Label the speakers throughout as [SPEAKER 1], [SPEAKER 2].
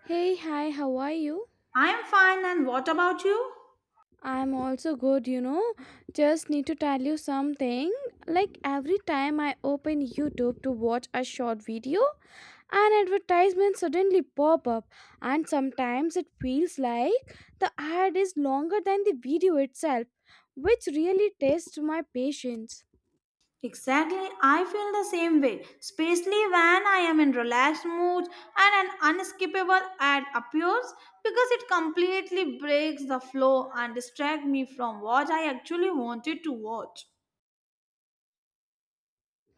[SPEAKER 1] Hey, hi, how are you?
[SPEAKER 2] I'm fine, and what about you?
[SPEAKER 1] I'm also good, you know. Just need to tell you something. Like every time I open YouTube to watch a short video, an advertisement suddenly pop up and sometimes it feels like the ad is longer than the video itself, which really tests my patience.
[SPEAKER 2] Exactly, I feel the same way, especially when I am in relaxed mood and an unskippable ad appears because it completely breaks the flow and distracts me from what I actually wanted to watch.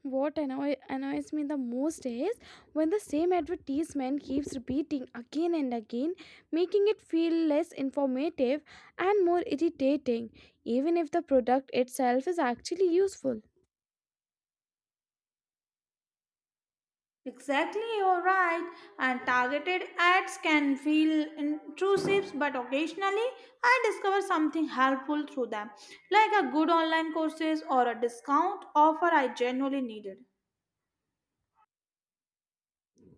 [SPEAKER 1] What annoys me the most is when the same advertisement keeps repeating again and again, making it feel less informative and more irritating, even if the product itself is actually useful.
[SPEAKER 2] Exactly, you're right. And targeted ads can feel intrusive, but occasionally I discover something helpful through them, like a good online courses or a discount offer I genuinely needed.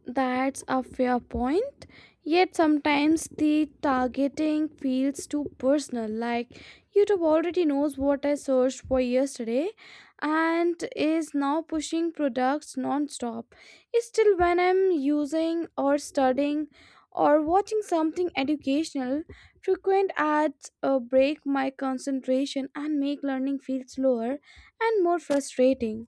[SPEAKER 1] That's a fair point. Yet sometimes the targeting feels too personal. Like YouTube already knows what I searched for yesterday and is now pushing products non-stop. Still when I'm using or studying or watching something educational, frequent ads break my concentration and make learning feel slower and more frustrating.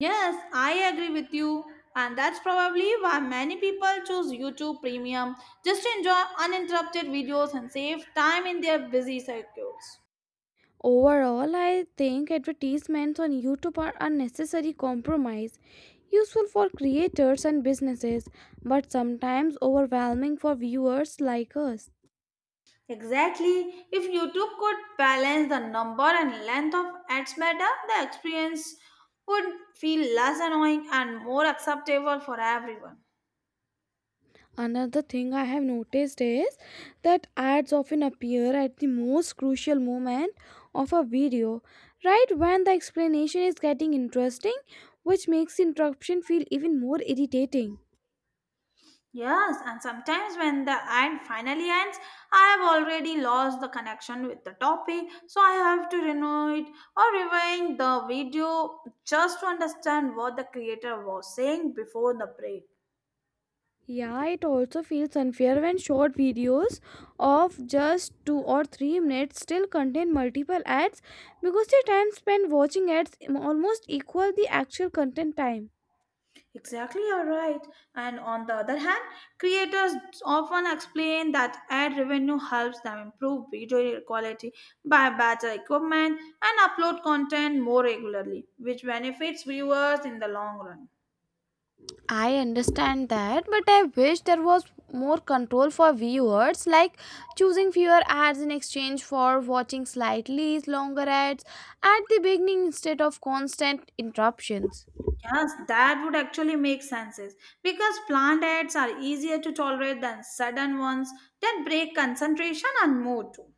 [SPEAKER 2] Yes, I agree with you. And that's probably why many people choose YouTube Premium just to enjoy uninterrupted videos and save time in their busy schedules.
[SPEAKER 1] Overall, I think advertisements on YouTube are unnecessary compromise, useful for creators and businesses, but sometimes overwhelming for viewers like us.
[SPEAKER 2] Exactly. If YouTube could balance the number and length of ads better, the experience would feel less annoying and more acceptable for everyone.
[SPEAKER 1] Another thing I have noticed is that ads often appear at the most crucial moment of a video, right when the explanation is getting interesting, which makes interruption feel even more irritating.
[SPEAKER 2] Yes, and sometimes when the ad finally ends, I have already lost the connection with the topic, so I have to renew it or rewind the video just to understand what the creator was saying before the break.
[SPEAKER 1] Yeah, it also feels unfair when short videos of just 2 or 3 minutes still contain multiple ads because the time spent watching ads almost equal the actual content time.
[SPEAKER 2] Exactly, you're right. And on the other hand, creators often explain that ad revenue helps them improve video quality, buy better equipment, and upload content more regularly, which benefits viewers in the long run.
[SPEAKER 1] I understand that, but I wish there was more control for viewers, like choosing fewer ads in exchange for watching slightly longer ads at the beginning instead of constant interruptions.
[SPEAKER 2] Yes, that would actually make sense because plant ads are easier to tolerate than sudden ones that break concentration and mood too.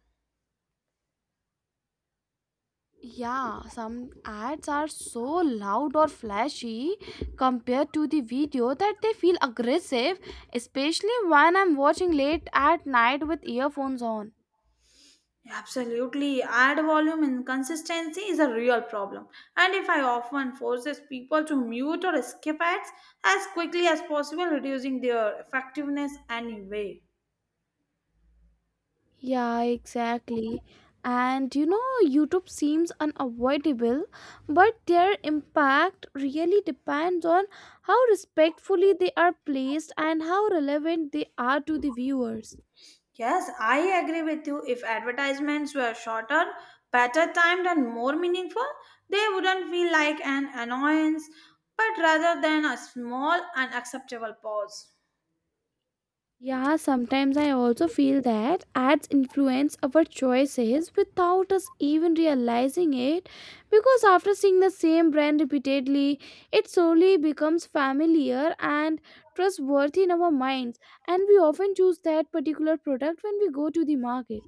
[SPEAKER 1] Yeah, some ads are so loud or flashy compared to the video that they feel aggressive, especially when I'm watching late at night with earphones on.
[SPEAKER 2] Absolutely, ad volume inconsistency is a real problem, and if I often forces people to mute or skip ads as quickly as possible, reducing their effectiveness anyway.
[SPEAKER 1] Yeah, exactly. And you know, YouTube seems unavoidable, but their impact really depends on how respectfully they are placed and how relevant they are to the viewers.
[SPEAKER 2] Yes, I agree with you. If advertisements were shorter, better timed, and more meaningful, they wouldn't feel like an annoyance, but rather than a small, unacceptable pause.
[SPEAKER 1] Yeah, sometimes I also feel that ads influence our choices without us even realizing it because after seeing the same brand repeatedly, it slowly becomes familiar and trustworthy in our minds, and we often choose that particular product when we go to the market.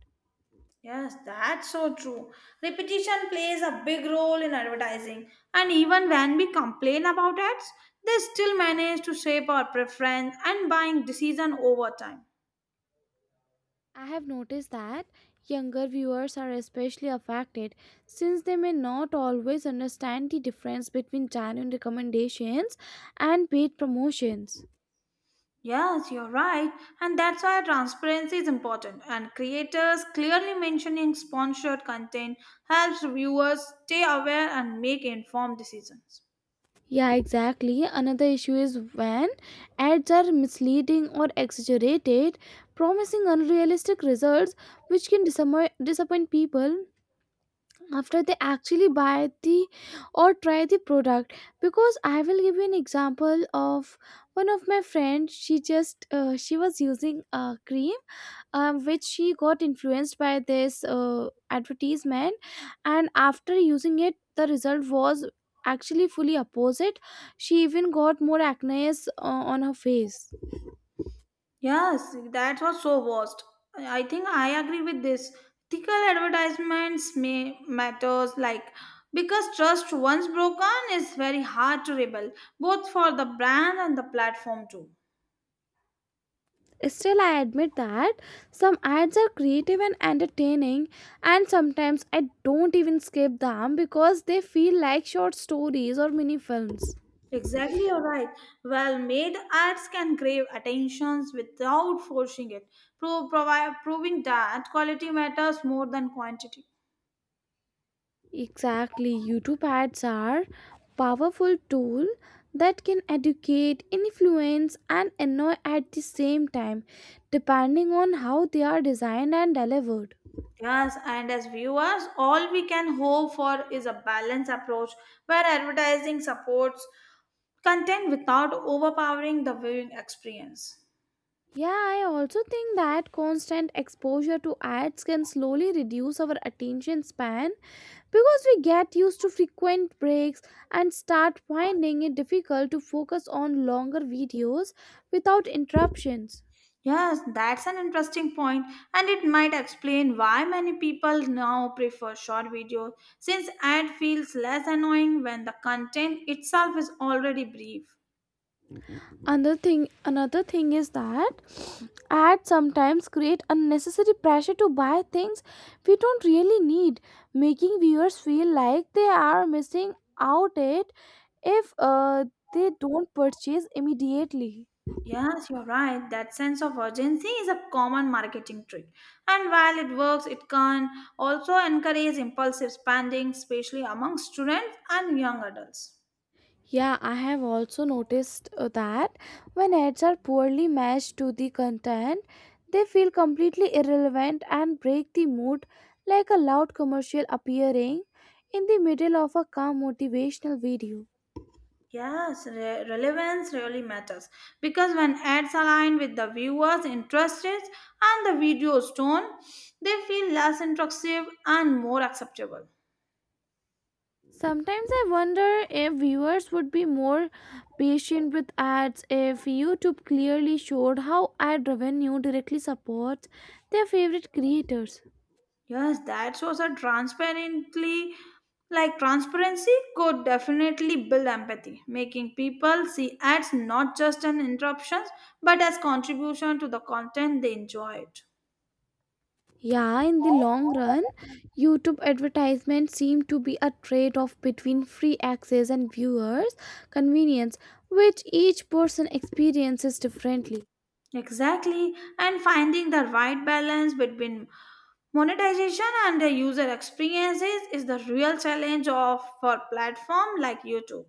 [SPEAKER 2] Yes, that's so true. Repetition plays a big role in advertising, and even when we complain about ads, they still manage to shape our preference and buying decision over time.
[SPEAKER 1] I have noticed that younger viewers are especially affected since they may not always understand the difference between genuine recommendations and paid promotions.
[SPEAKER 2] Yes, you're right. And that's why transparency is important. And creators clearly mentioning sponsored content helps viewers stay aware and make informed decisions.
[SPEAKER 1] Yeah, exactly. Another issue is when ads are misleading or exaggerated, promising unrealistic results which can disappoint people after they actually buy the or try the product because I will give you an example of one of my friends. She just she was using a cream, which she got influenced by this advertisement, and after using it the result was actually fully opposite. She even got more acne on her face.
[SPEAKER 2] Yes, that was so worst. I think I agree with this. Ethical advertisements may matters like because trust once broken is very hard to rebuild, both for the brand and the platform too.
[SPEAKER 1] Still, I admit that some ads are creative and entertaining, and sometimes I don't even skip them because they feel like short stories or mini films.
[SPEAKER 2] Exactly, you're right. Well made ads can grab attentions without forcing it, proving that quality matters more than quantity.
[SPEAKER 1] Exactly, YouTube ads are powerful tool that can educate, influence and annoy at the same time depending on how they are designed and delivered.
[SPEAKER 2] Yes, and as viewers, all we can hope for is a balanced approach where advertising supports content without overpowering the viewing experience.
[SPEAKER 1] Yeah, I also think that constant exposure to ads can slowly reduce our attention span because we get used to frequent breaks and start finding it difficult to focus on longer videos without interruptions.
[SPEAKER 2] Yes, that's an interesting point, and it might explain why many people now prefer short videos since ad feels less annoying when the content itself is already brief.
[SPEAKER 1] Another thing is that ads sometimes create unnecessary pressure to buy things we don't really need, making viewers feel like they are missing out it if they don't purchase immediately.
[SPEAKER 2] Yes, you're right. That sense of urgency is a common marketing trick. And while it works, it can also encourage impulsive spending, especially among students and young adults.
[SPEAKER 1] Yeah, I have also noticed that when ads are poorly matched to the content they feel completely irrelevant and break the mood, like a loud commercial appearing in the middle of a calm motivational video.
[SPEAKER 2] Yes, relevance really matters because when ads align with the viewer's interests and the video's tone, they feel less intrusive and more acceptable.
[SPEAKER 1] Sometimes I wonder if viewers would be more patient with ads if YouTube clearly showed how ad revenue directly supports their favorite creators.
[SPEAKER 2] Yes, that shows a transparently like transparency could definitely build empathy, making people see ads not just as interruptions but as contribution to the content they enjoyed.
[SPEAKER 1] Yeah, in the long run, YouTube advertisements seem to be a trade off between free access and viewers' convenience, which each person experiences differently.
[SPEAKER 2] Exactly, and finding the right balance between monetization and the user experiences is the real challenge of for platform like YouTube.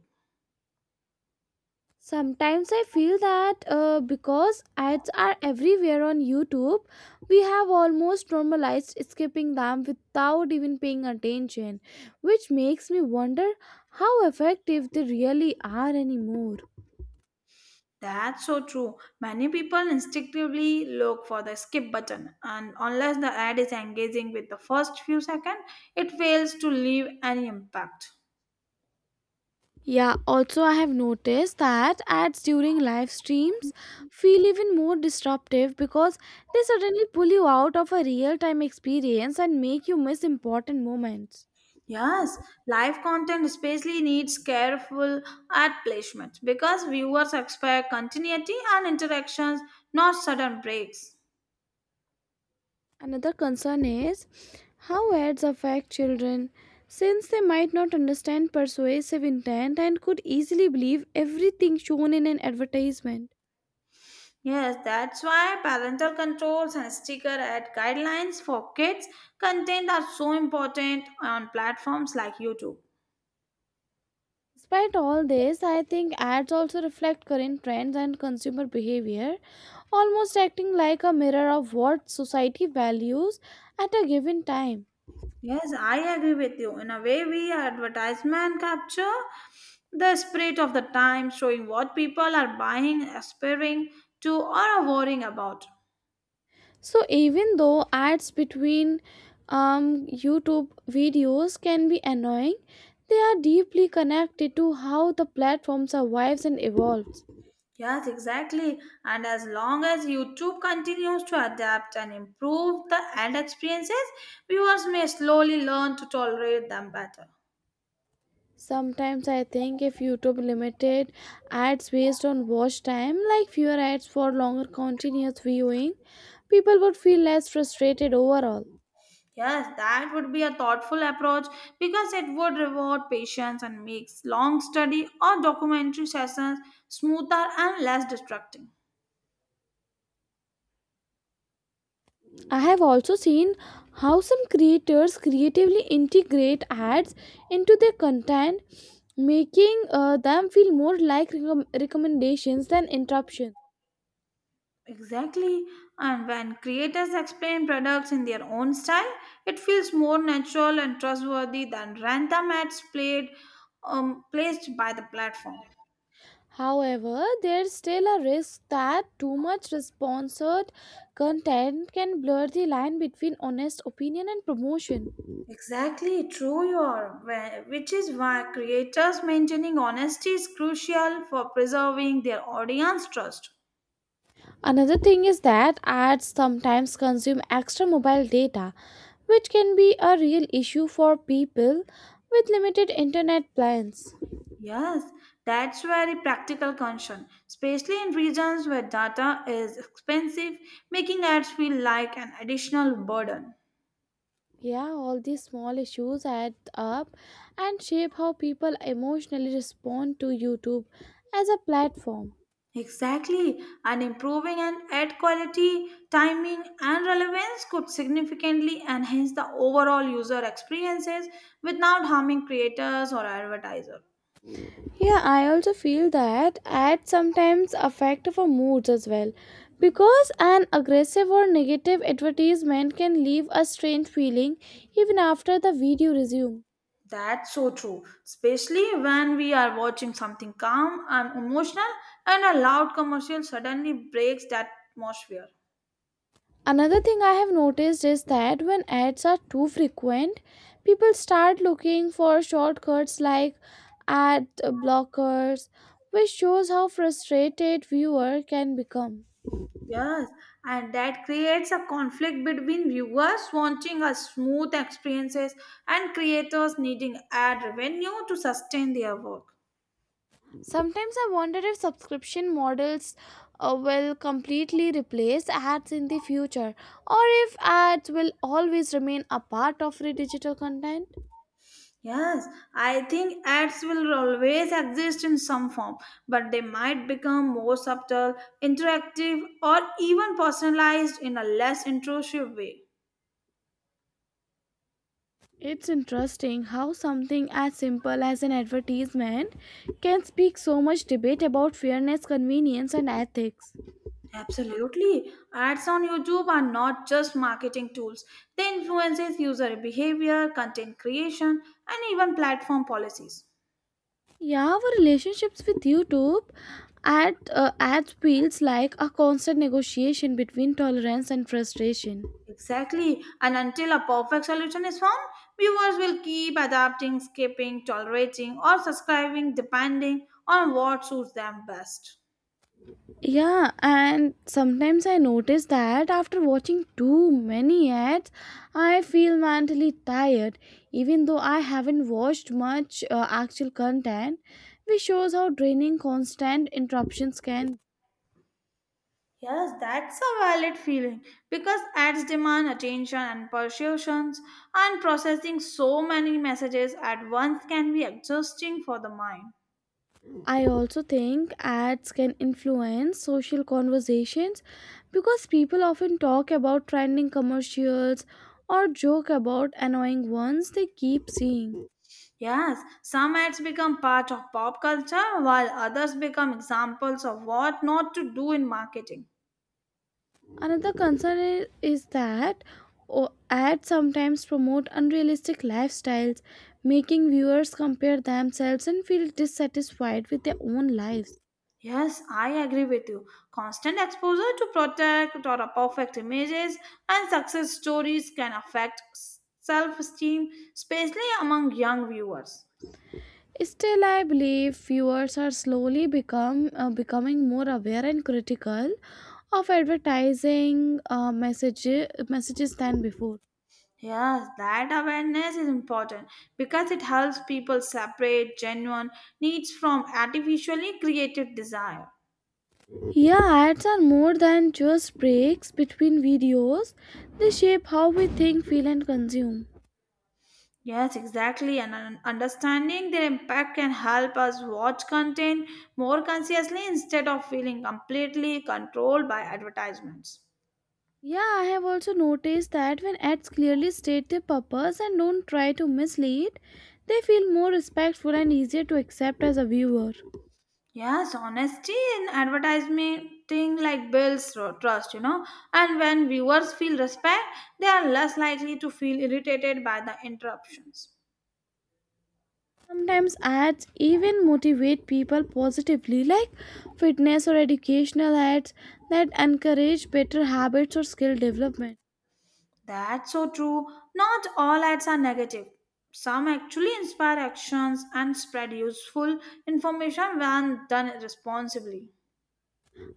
[SPEAKER 1] Sometimes I feel that, because ads are everywhere on YouTube, we have almost normalized skipping them without even paying attention, which makes me wonder how effective they really are anymore.
[SPEAKER 2] That's so true. Many people instinctively look for the skip button, and unless the ad is engaging with the first few seconds, it fails to leave any impact.
[SPEAKER 1] Yeah, also I have noticed that ads during live streams feel even more disruptive because they suddenly pull you out of a real time experience and make you miss important moments.
[SPEAKER 2] Yes, live content especially needs careful ad placement because viewers expect continuity and interactions, not sudden breaks.
[SPEAKER 1] Another concern is how ads affect children since they might not understand persuasive intent and could easily believe everything shown in an advertisement.
[SPEAKER 2] Yes, that's why parental controls and sticker ad guidelines for kids content are so important on platforms like YouTube.
[SPEAKER 1] Despite all this, I think ads also reflect current trends and consumer behavior, almost acting like a mirror of what society values at a given time.
[SPEAKER 2] Yes, I agree with you. In a way, we advertisement capture the spirit of the time, showing what people are buying, aspiring to, or worrying about.
[SPEAKER 1] So, even though ads between YouTube videos can be annoying, they are deeply connected to how the platform survives and evolves.
[SPEAKER 2] Yes, exactly. And as long as YouTube continues to adapt and improve the ad experiences, viewers may slowly learn to tolerate them better.
[SPEAKER 1] Sometimes I think if YouTube limited ads based on watch time, like fewer ads for longer continuous viewing, people would feel less frustrated overall.
[SPEAKER 2] Yes, that would be a thoughtful approach because it would reward patience and makes long study or documentary sessions smoother and less distracting.
[SPEAKER 1] I have also seen how some creators creatively integrate ads into their content, making them feel more like recommendations than interruptions.
[SPEAKER 2] Exactly. And when creators explain products in their own style, it feels more natural and trustworthy than random ads played, placed by the platform.
[SPEAKER 1] However, there's still a risk that too much sponsored content can blur the line between honest opinion and promotion.
[SPEAKER 2] Exactly, true you are. Which is why creators maintaining honesty is crucial for preserving their audience trust.
[SPEAKER 1] Another thing is that ads sometimes consume extra mobile data, which can be a real issue for people with limited internet plans.
[SPEAKER 2] Yes, that's very practical concern, especially in regions where data is expensive, making ads feel like an additional burden.
[SPEAKER 1] Yeah, all these small issues add up and shape how people emotionally respond to YouTube as a platform.
[SPEAKER 2] Exactly, and improving an ad quality, timing, and relevance could significantly enhance the overall user experiences without harming creators or advertisers.
[SPEAKER 1] Yeah, I also feel that ads sometimes affect our moods as well, because an aggressive or negative advertisement can leave a strange feeling even after the video resumes.
[SPEAKER 2] That's so true, especially when we are watching something calm and emotional, and a loud commercial suddenly breaks that atmosphere.
[SPEAKER 1] Another thing I have noticed is that when ads are too frequent, people start looking for shortcuts like ad blockers, which shows how frustrated viewer can become.
[SPEAKER 2] Yes, and that creates a conflict between viewers wanting a smooth experiences and creators needing ad revenue to sustain their work.
[SPEAKER 1] Sometimes I wonder if subscription models will completely replace ads in the future, or if ads will always remain a part of the digital content.
[SPEAKER 2] Yes, I think ads will always exist in some form, but they might become more subtle, interactive, or even personalized in a less intrusive way.
[SPEAKER 1] It's interesting how something as simple as an advertisement can speak so much debate about fairness, convenience, and ethics.
[SPEAKER 2] Absolutely. Ads on YouTube are not just marketing tools. They influences user behavior, content creation, and even platform policies.
[SPEAKER 1] Yeah, our relationships with YouTube ads feels like a constant negotiation between tolerance and frustration.
[SPEAKER 2] Exactly. And until a perfect solution is found, viewers will keep adapting, skipping, tolerating, or subscribing depending on what suits them best.
[SPEAKER 1] Yeah, and sometimes I notice that after watching too many ads, I feel mentally tired, even though I haven't watched much actual content, which shows how draining constant interruptions can be.
[SPEAKER 2] Yes, that's a valid feeling because ads demand attention and persuasions, and processing so many messages at once can be exhausting for the mind.
[SPEAKER 1] I also think ads can influence social conversations because people often talk about trending commercials or joke about annoying ones they keep seeing.
[SPEAKER 2] Yes, some ads become part of pop culture while others become examples of what not to do in marketing.
[SPEAKER 1] Another concern is that ads sometimes promote unrealistic lifestyles, making viewers compare themselves and feel dissatisfied with their own lives.
[SPEAKER 2] Yes, I agree with you. Constant exposure to protect or perfect images and success stories can affect self esteem, especially among young viewers.
[SPEAKER 1] Still, I believe viewers are slowly become becoming more aware and critical of advertising uh, messages messages than before.
[SPEAKER 2] Yes, that awareness is important because it helps people separate genuine needs from artificially created desire.
[SPEAKER 1] Yeah, ads are more than just breaks between videos; they shape how we think, feel, and consume.
[SPEAKER 2] Yes, exactly. Understanding their impact can help us watch content more consciously instead of feeling completely controlled by advertisements.
[SPEAKER 1] Yeah, I have also noticed that when ads clearly state their purpose and don't try to mislead, they feel more respectful and easier to accept as a viewer.
[SPEAKER 2] Yes, honesty in advertising like builds trust, you know. And when viewers feel respect, they are less likely to feel irritated by the interruptions.
[SPEAKER 1] Sometimes ads even motivate people positively, like fitness or educational ads that encourage better habits or skill development.
[SPEAKER 2] That's so true. Not all ads are negative. Some actually inspire actions and spread useful information when done responsibly.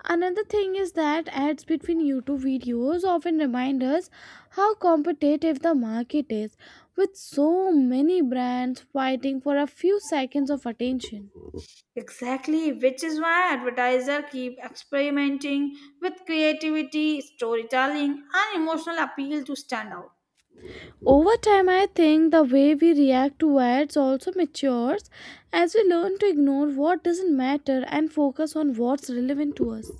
[SPEAKER 1] Another thing is that ads between YouTube videos often remind us how competitive the market is, with so many brands fighting for a few seconds of attention.
[SPEAKER 2] Exactly, which is why advertisers keep experimenting with creativity, storytelling, and emotional appeal to stand out.
[SPEAKER 1] Over time, I think the way we react to ads also matures as we learn to ignore what doesn't matter and focus on what's relevant to us.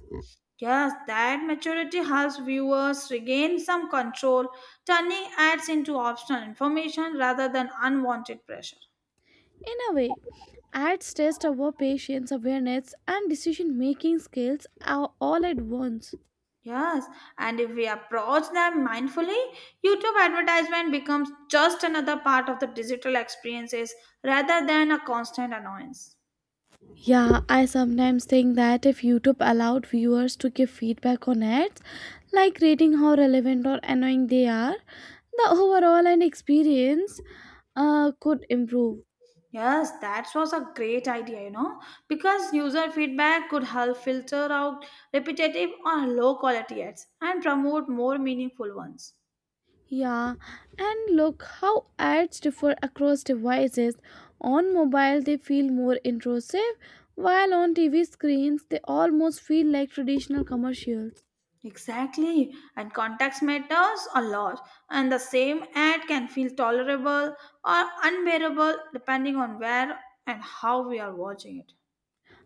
[SPEAKER 2] Yes, that maturity helps viewers regain some control, turning ads into optional information rather than unwanted pressure.
[SPEAKER 1] In a way, ads test our patience, awareness, and decision making skills all at once.
[SPEAKER 2] Yes, and if we approach them mindfully, YouTube advertisement becomes just another part of the digital experiences rather than a constant annoyance.
[SPEAKER 1] Yeah, I sometimes think that if YouTube allowed viewers to give feedback on ads, like rating how relevant or annoying they are, the overall and experience could improve.
[SPEAKER 2] Yes, that was a great idea, you know, because user feedback could help filter out repetitive or low quality ads and promote more meaningful ones.
[SPEAKER 1] Yeah, and look how ads differ across devices. On mobile, they feel more intrusive, while on TV screens, they almost feel like traditional commercials.
[SPEAKER 2] Exactly, and context matters a lot, and the same ad can feel tolerable or unbearable depending on where and how we are watching it.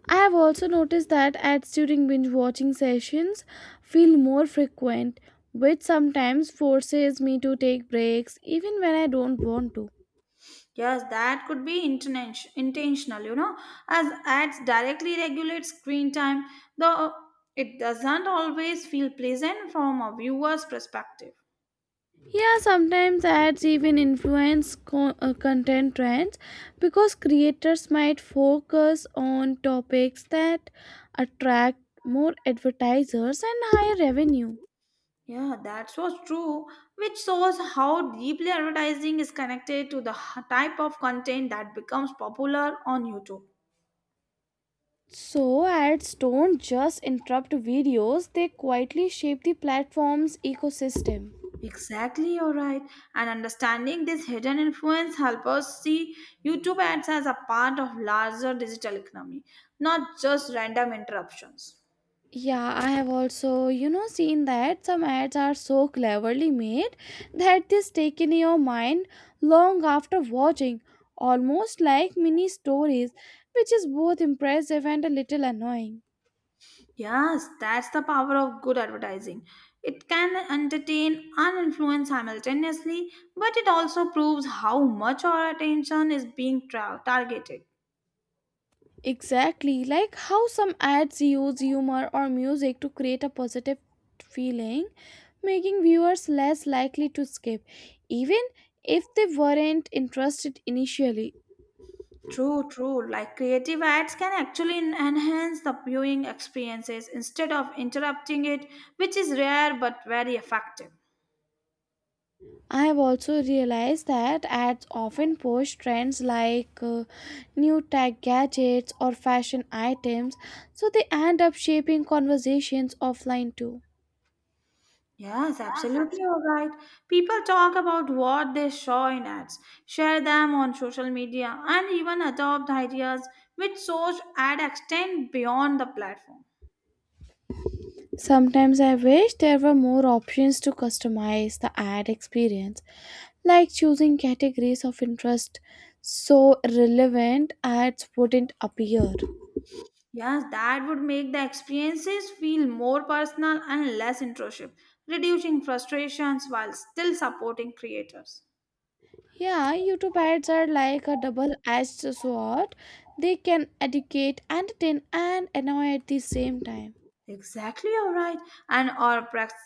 [SPEAKER 1] I have also noticed that ads during binge watching sessions feel more frequent, which sometimes forces me to take breaks even when I don't want to.
[SPEAKER 2] Yes, that could be intentional, you know, as ads directly regulate screen time, though it doesn't always feel pleasant from a viewer's perspective.
[SPEAKER 1] Yeah, sometimes ads even influence content trends because creators might focus on topics that attract more advertisers and higher revenue.
[SPEAKER 2] Yeah, that's was true, which shows how deeply advertising is connected to the h- type of content that becomes popular on YouTube.
[SPEAKER 1] So, ads don't just interrupt videos, they quietly shape the platform's ecosystem.
[SPEAKER 2] Exactly, you're right. And understanding this hidden influence help us see YouTube ads as a part of larger digital economy, not just random interruptions.
[SPEAKER 1] Yeah, I have also, you know, seen that some ads are so cleverly made that they stick in your mind long after watching, almost like mini stories, which is both impressive and a little annoying.
[SPEAKER 2] Yes, that's the power of good advertising. It can entertain and influence simultaneously, but it also proves how much our attention is being tra- targeted.
[SPEAKER 1] Exactly, like how some ads use humor or music to create a positive feeling, making viewers less likely to skip, even if they weren't interested initially.
[SPEAKER 2] True, true. Like creative ads can actually enhance the viewing experiences instead of interrupting it, which is rare but very effective.
[SPEAKER 1] I have also realized that ads often post trends like new tech gadgets or fashion items, so they end up shaping conversations offline too.
[SPEAKER 2] Yes, absolutely all right. People talk about what they saw in ads, share them on social media, and even adopt ideas which source ad extend beyond the platform.
[SPEAKER 1] Sometimes I wish there were more options to customize the ad experience, like choosing categories of interest so relevant ads wouldn't appear.
[SPEAKER 2] Yes, that would make the experiences feel more personal and less intrusive, reducing frustrations while still supporting creators.
[SPEAKER 1] Yeah, YouTube ads are like a double-edged sword. They can educate, entertain, and annoy at the same time.
[SPEAKER 2] Exactly all right. And our practice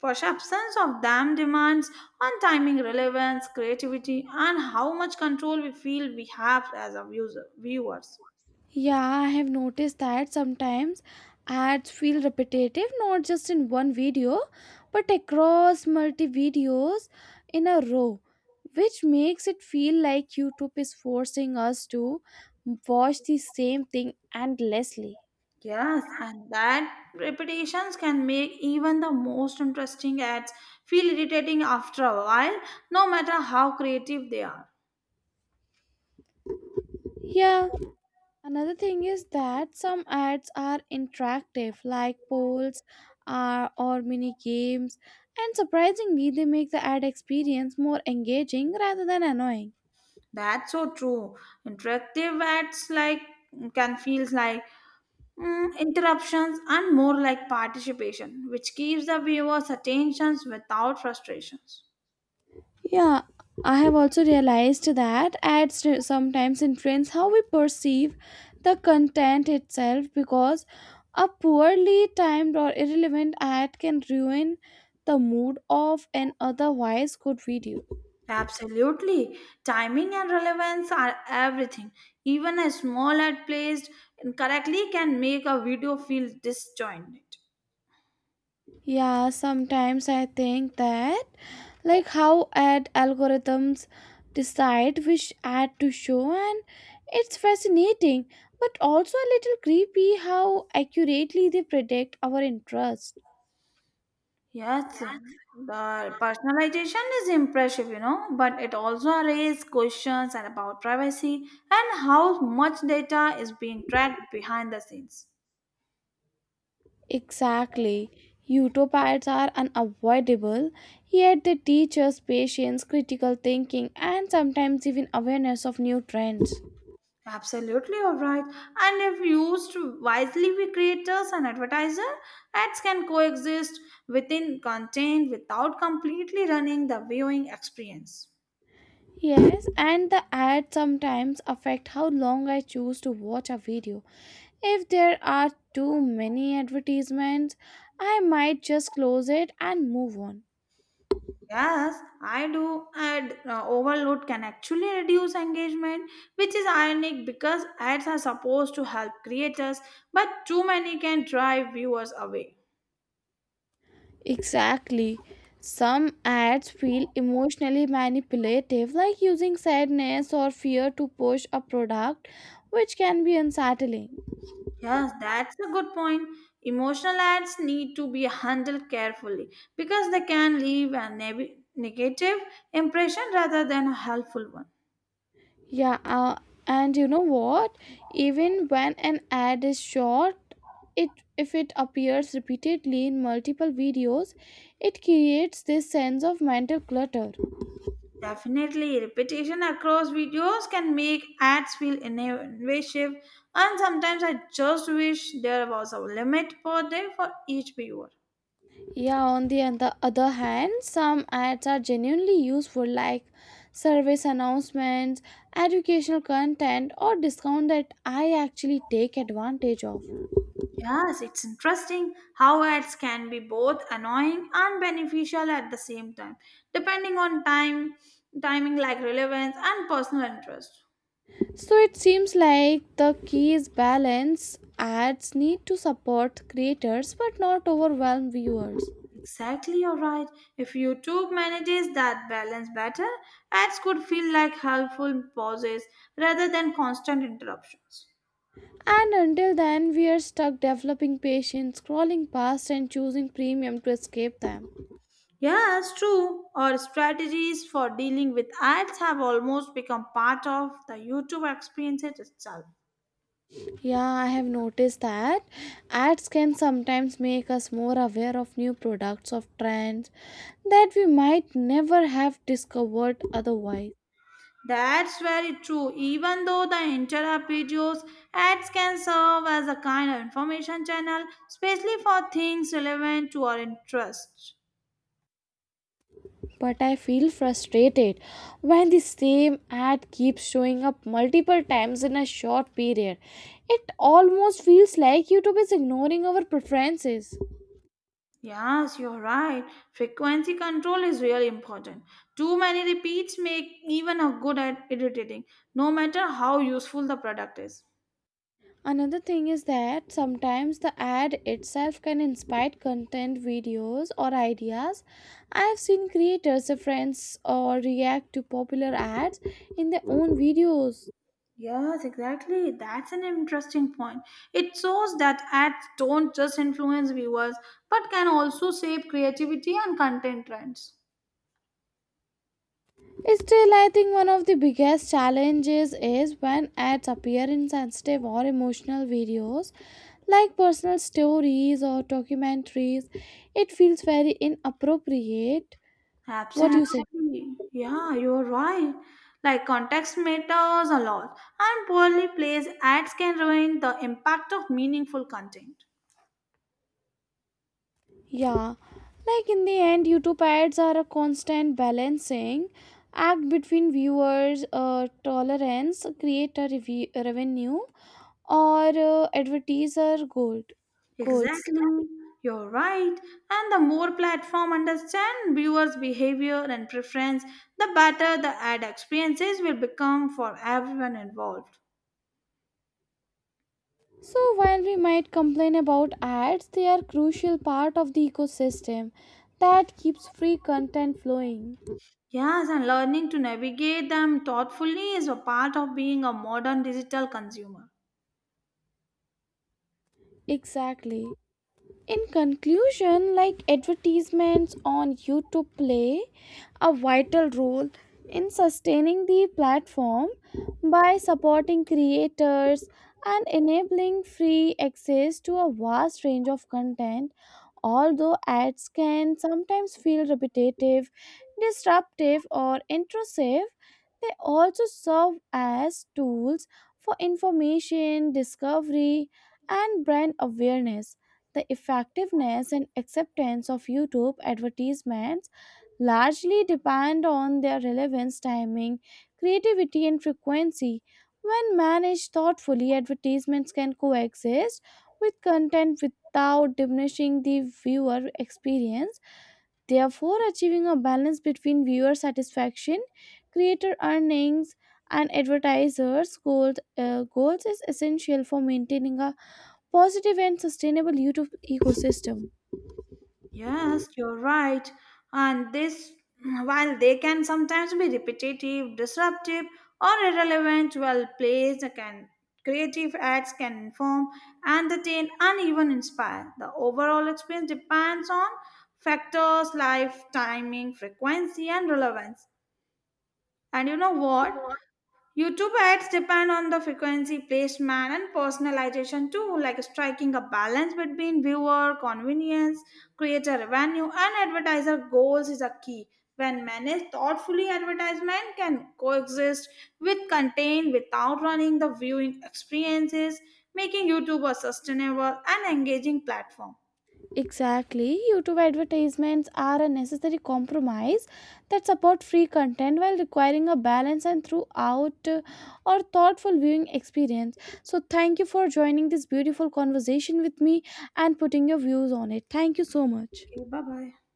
[SPEAKER 2] For absence of them demands on timing, relevance, creativity, and how much control we feel we have as a user, viewers.
[SPEAKER 1] Yeah, I have noticed that sometimes ads feel repetitive, not just in one video, but across multi videos in a row, which makes it feel like YouTube is forcing us to watch the same thing endlessly.
[SPEAKER 2] Yes, and that repetitions can make even the most interesting ads feel irritating after a while, no matter how creative they are.
[SPEAKER 1] Yeah, another thing is that some ads are interactive, like polls or mini games, and surprisingly, they make the ad experience more engaging rather than annoying.
[SPEAKER 2] That's so true. Interactive ads like can feel like interruptions and more like participation, which keeps the viewers' attentions without frustrations.
[SPEAKER 1] Yeah, I have also realized that sometimes influence how we perceive the content itself, because a poorly timed or irrelevant ad can ruin the mood of an otherwise good video.
[SPEAKER 2] Absolutely. Timing and relevance are everything. Even a small ad placed incorrectly can make a video feel disjointed.
[SPEAKER 1] Yeah, sometimes I think that, like, how ad algorithms decide which ad to show, and it's fascinating, but also a little creepy how accurately they predict our interest.
[SPEAKER 2] Yes, the personalization is impressive, you know, but it also raises questions about privacy and how much data is being tracked behind the scenes.
[SPEAKER 1] Exactly. Utopias are unavoidable, yet they teach us patience, critical thinking, and sometimes even awareness of new trends.
[SPEAKER 2] Absolutely, all right. And if used wisely, we creators and advertiser ads can coexist within content without completely running the viewing experience.
[SPEAKER 1] Yes, and the ads sometimes affect how long I choose to watch a video. If there are too many advertisements, I might just close it and move on.
[SPEAKER 2] Yes, I do. Ad overload can actually reduce engagement, which is ironic because ads are supposed to help creators, but too many can drive viewers away.
[SPEAKER 1] Exactly. Some ads feel emotionally manipulative, like using sadness or fear to push a product, which can be unsettling.
[SPEAKER 2] Yes, that's a good point. Emotional ads need to be handled carefully because they can leave a neg- negative impression rather than a helpful one.
[SPEAKER 1] Yeah, and you know what? Even when an ad is short, it if it appears repeatedly in multiple videos, it creates this sense of mental clutter.
[SPEAKER 2] Definitely, repetition across videos can make ads feel invasive, and sometimes I just wish there was a limit per day for each viewer.
[SPEAKER 1] Yeah, on the other hand, some ads are genuinely useful, like service announcements, educational content, or discount that I actually take advantage of.
[SPEAKER 2] Yes, it's interesting how ads can be both annoying and beneficial at the same time, depending on time, timing like relevance and personal interest.
[SPEAKER 1] So it seems like the key is balance. Ads need to support creators but not overwhelm viewers.
[SPEAKER 2] Exactly, you're right. If YouTube manages that balance better, ads could feel like helpful pauses rather than constant interruptions.
[SPEAKER 1] And until then, we are stuck developing patience, scrolling past, and choosing premium to escape them.
[SPEAKER 2] Yes, true. Our strategies for dealing with ads have almost become part of the YouTube experience itself.
[SPEAKER 1] Yeah, I have noticed that ads can sometimes make us more aware of new products of trends that we might never have discovered otherwise.
[SPEAKER 2] That's very true. Even though the interrupt videos, ads can serve as a kind of information channel, especially for things relevant to our interests.
[SPEAKER 1] But I feel frustrated when the same ad keeps showing up multiple times in a short period. It almost feels like YouTube is ignoring our preferences.
[SPEAKER 2] Yes, you're right. Frequency control is really important. Too many repeats make even a good ad irritating, no matter how useful the product is.
[SPEAKER 1] Another thing is that sometimes the ad itself can inspire content videos or ideas. I've seen creators reference or react to popular ads in their own videos.
[SPEAKER 2] Yes, exactly. That's an interesting point. It shows that ads don't just influence viewers but can also shape creativity and content trends.
[SPEAKER 1] Still, I think one of the biggest challenges is when ads appear in sensitive or emotional videos like personal stories or documentaries. It feels very inappropriate. What do you say?
[SPEAKER 2] Absolutely. Yeah, you're right. Like context matters a lot, and poorly placed ads can ruin the impact of meaningful content.
[SPEAKER 1] Yeah, like in the end, YouTube ads are a constant balancing act between viewers' tolerance, creator revenue, or advertiser gold goals.
[SPEAKER 2] Exactly. You're right. And the more platform understand viewers' behavior and preference, the better the ad experiences will become for everyone involved.
[SPEAKER 1] So while we might complain about ads, they are crucial part of the ecosystem that keeps free content flowing.
[SPEAKER 2] Yes, and learning to navigate them thoughtfully is a part of being a modern digital consumer.
[SPEAKER 1] Exactly. In conclusion, like, advertisements on YouTube play a vital role in sustaining the platform by supporting creators and enabling free access to a vast range of content. Although ads can sometimes feel repetitive, disruptive, or intrusive, they also serve as tools for information, discovery, and brand awareness. The effectiveness and acceptance of YouTube advertisements largely depend on their relevance, timing, creativity, and frequency. When managed thoughtfully, advertisements can coexist with content without diminishing the viewer experience. Therefore, achieving a balance between viewer satisfaction, creator earnings, and advertisers' goals is essential for maintaining a positive and sustainable YouTube ecosystem.
[SPEAKER 2] Yes, you're right. And this, while they can sometimes be repetitive, disruptive, or irrelevant, well placed, can creative acts can inform, entertain, and even inspire. The overall experience depends on factors like timing, frequency, and relevance. And you know what? YouTube ads depend on the frequency, placement, and personalization too, like striking a balance between viewer convenience, creator revenue, and advertiser goals is a key. When managed thoughtfully, advertisement can coexist with content without running the viewing experiences, making YouTube a sustainable and engaging platform.
[SPEAKER 1] Exactly. YouTube advertisements are a necessary compromise that support free content while requiring a balance and throughout or thoughtful viewing experience. So thank you for joining this beautiful conversation with me and putting your views on it. Thank you so much.
[SPEAKER 2] Okay, bye bye.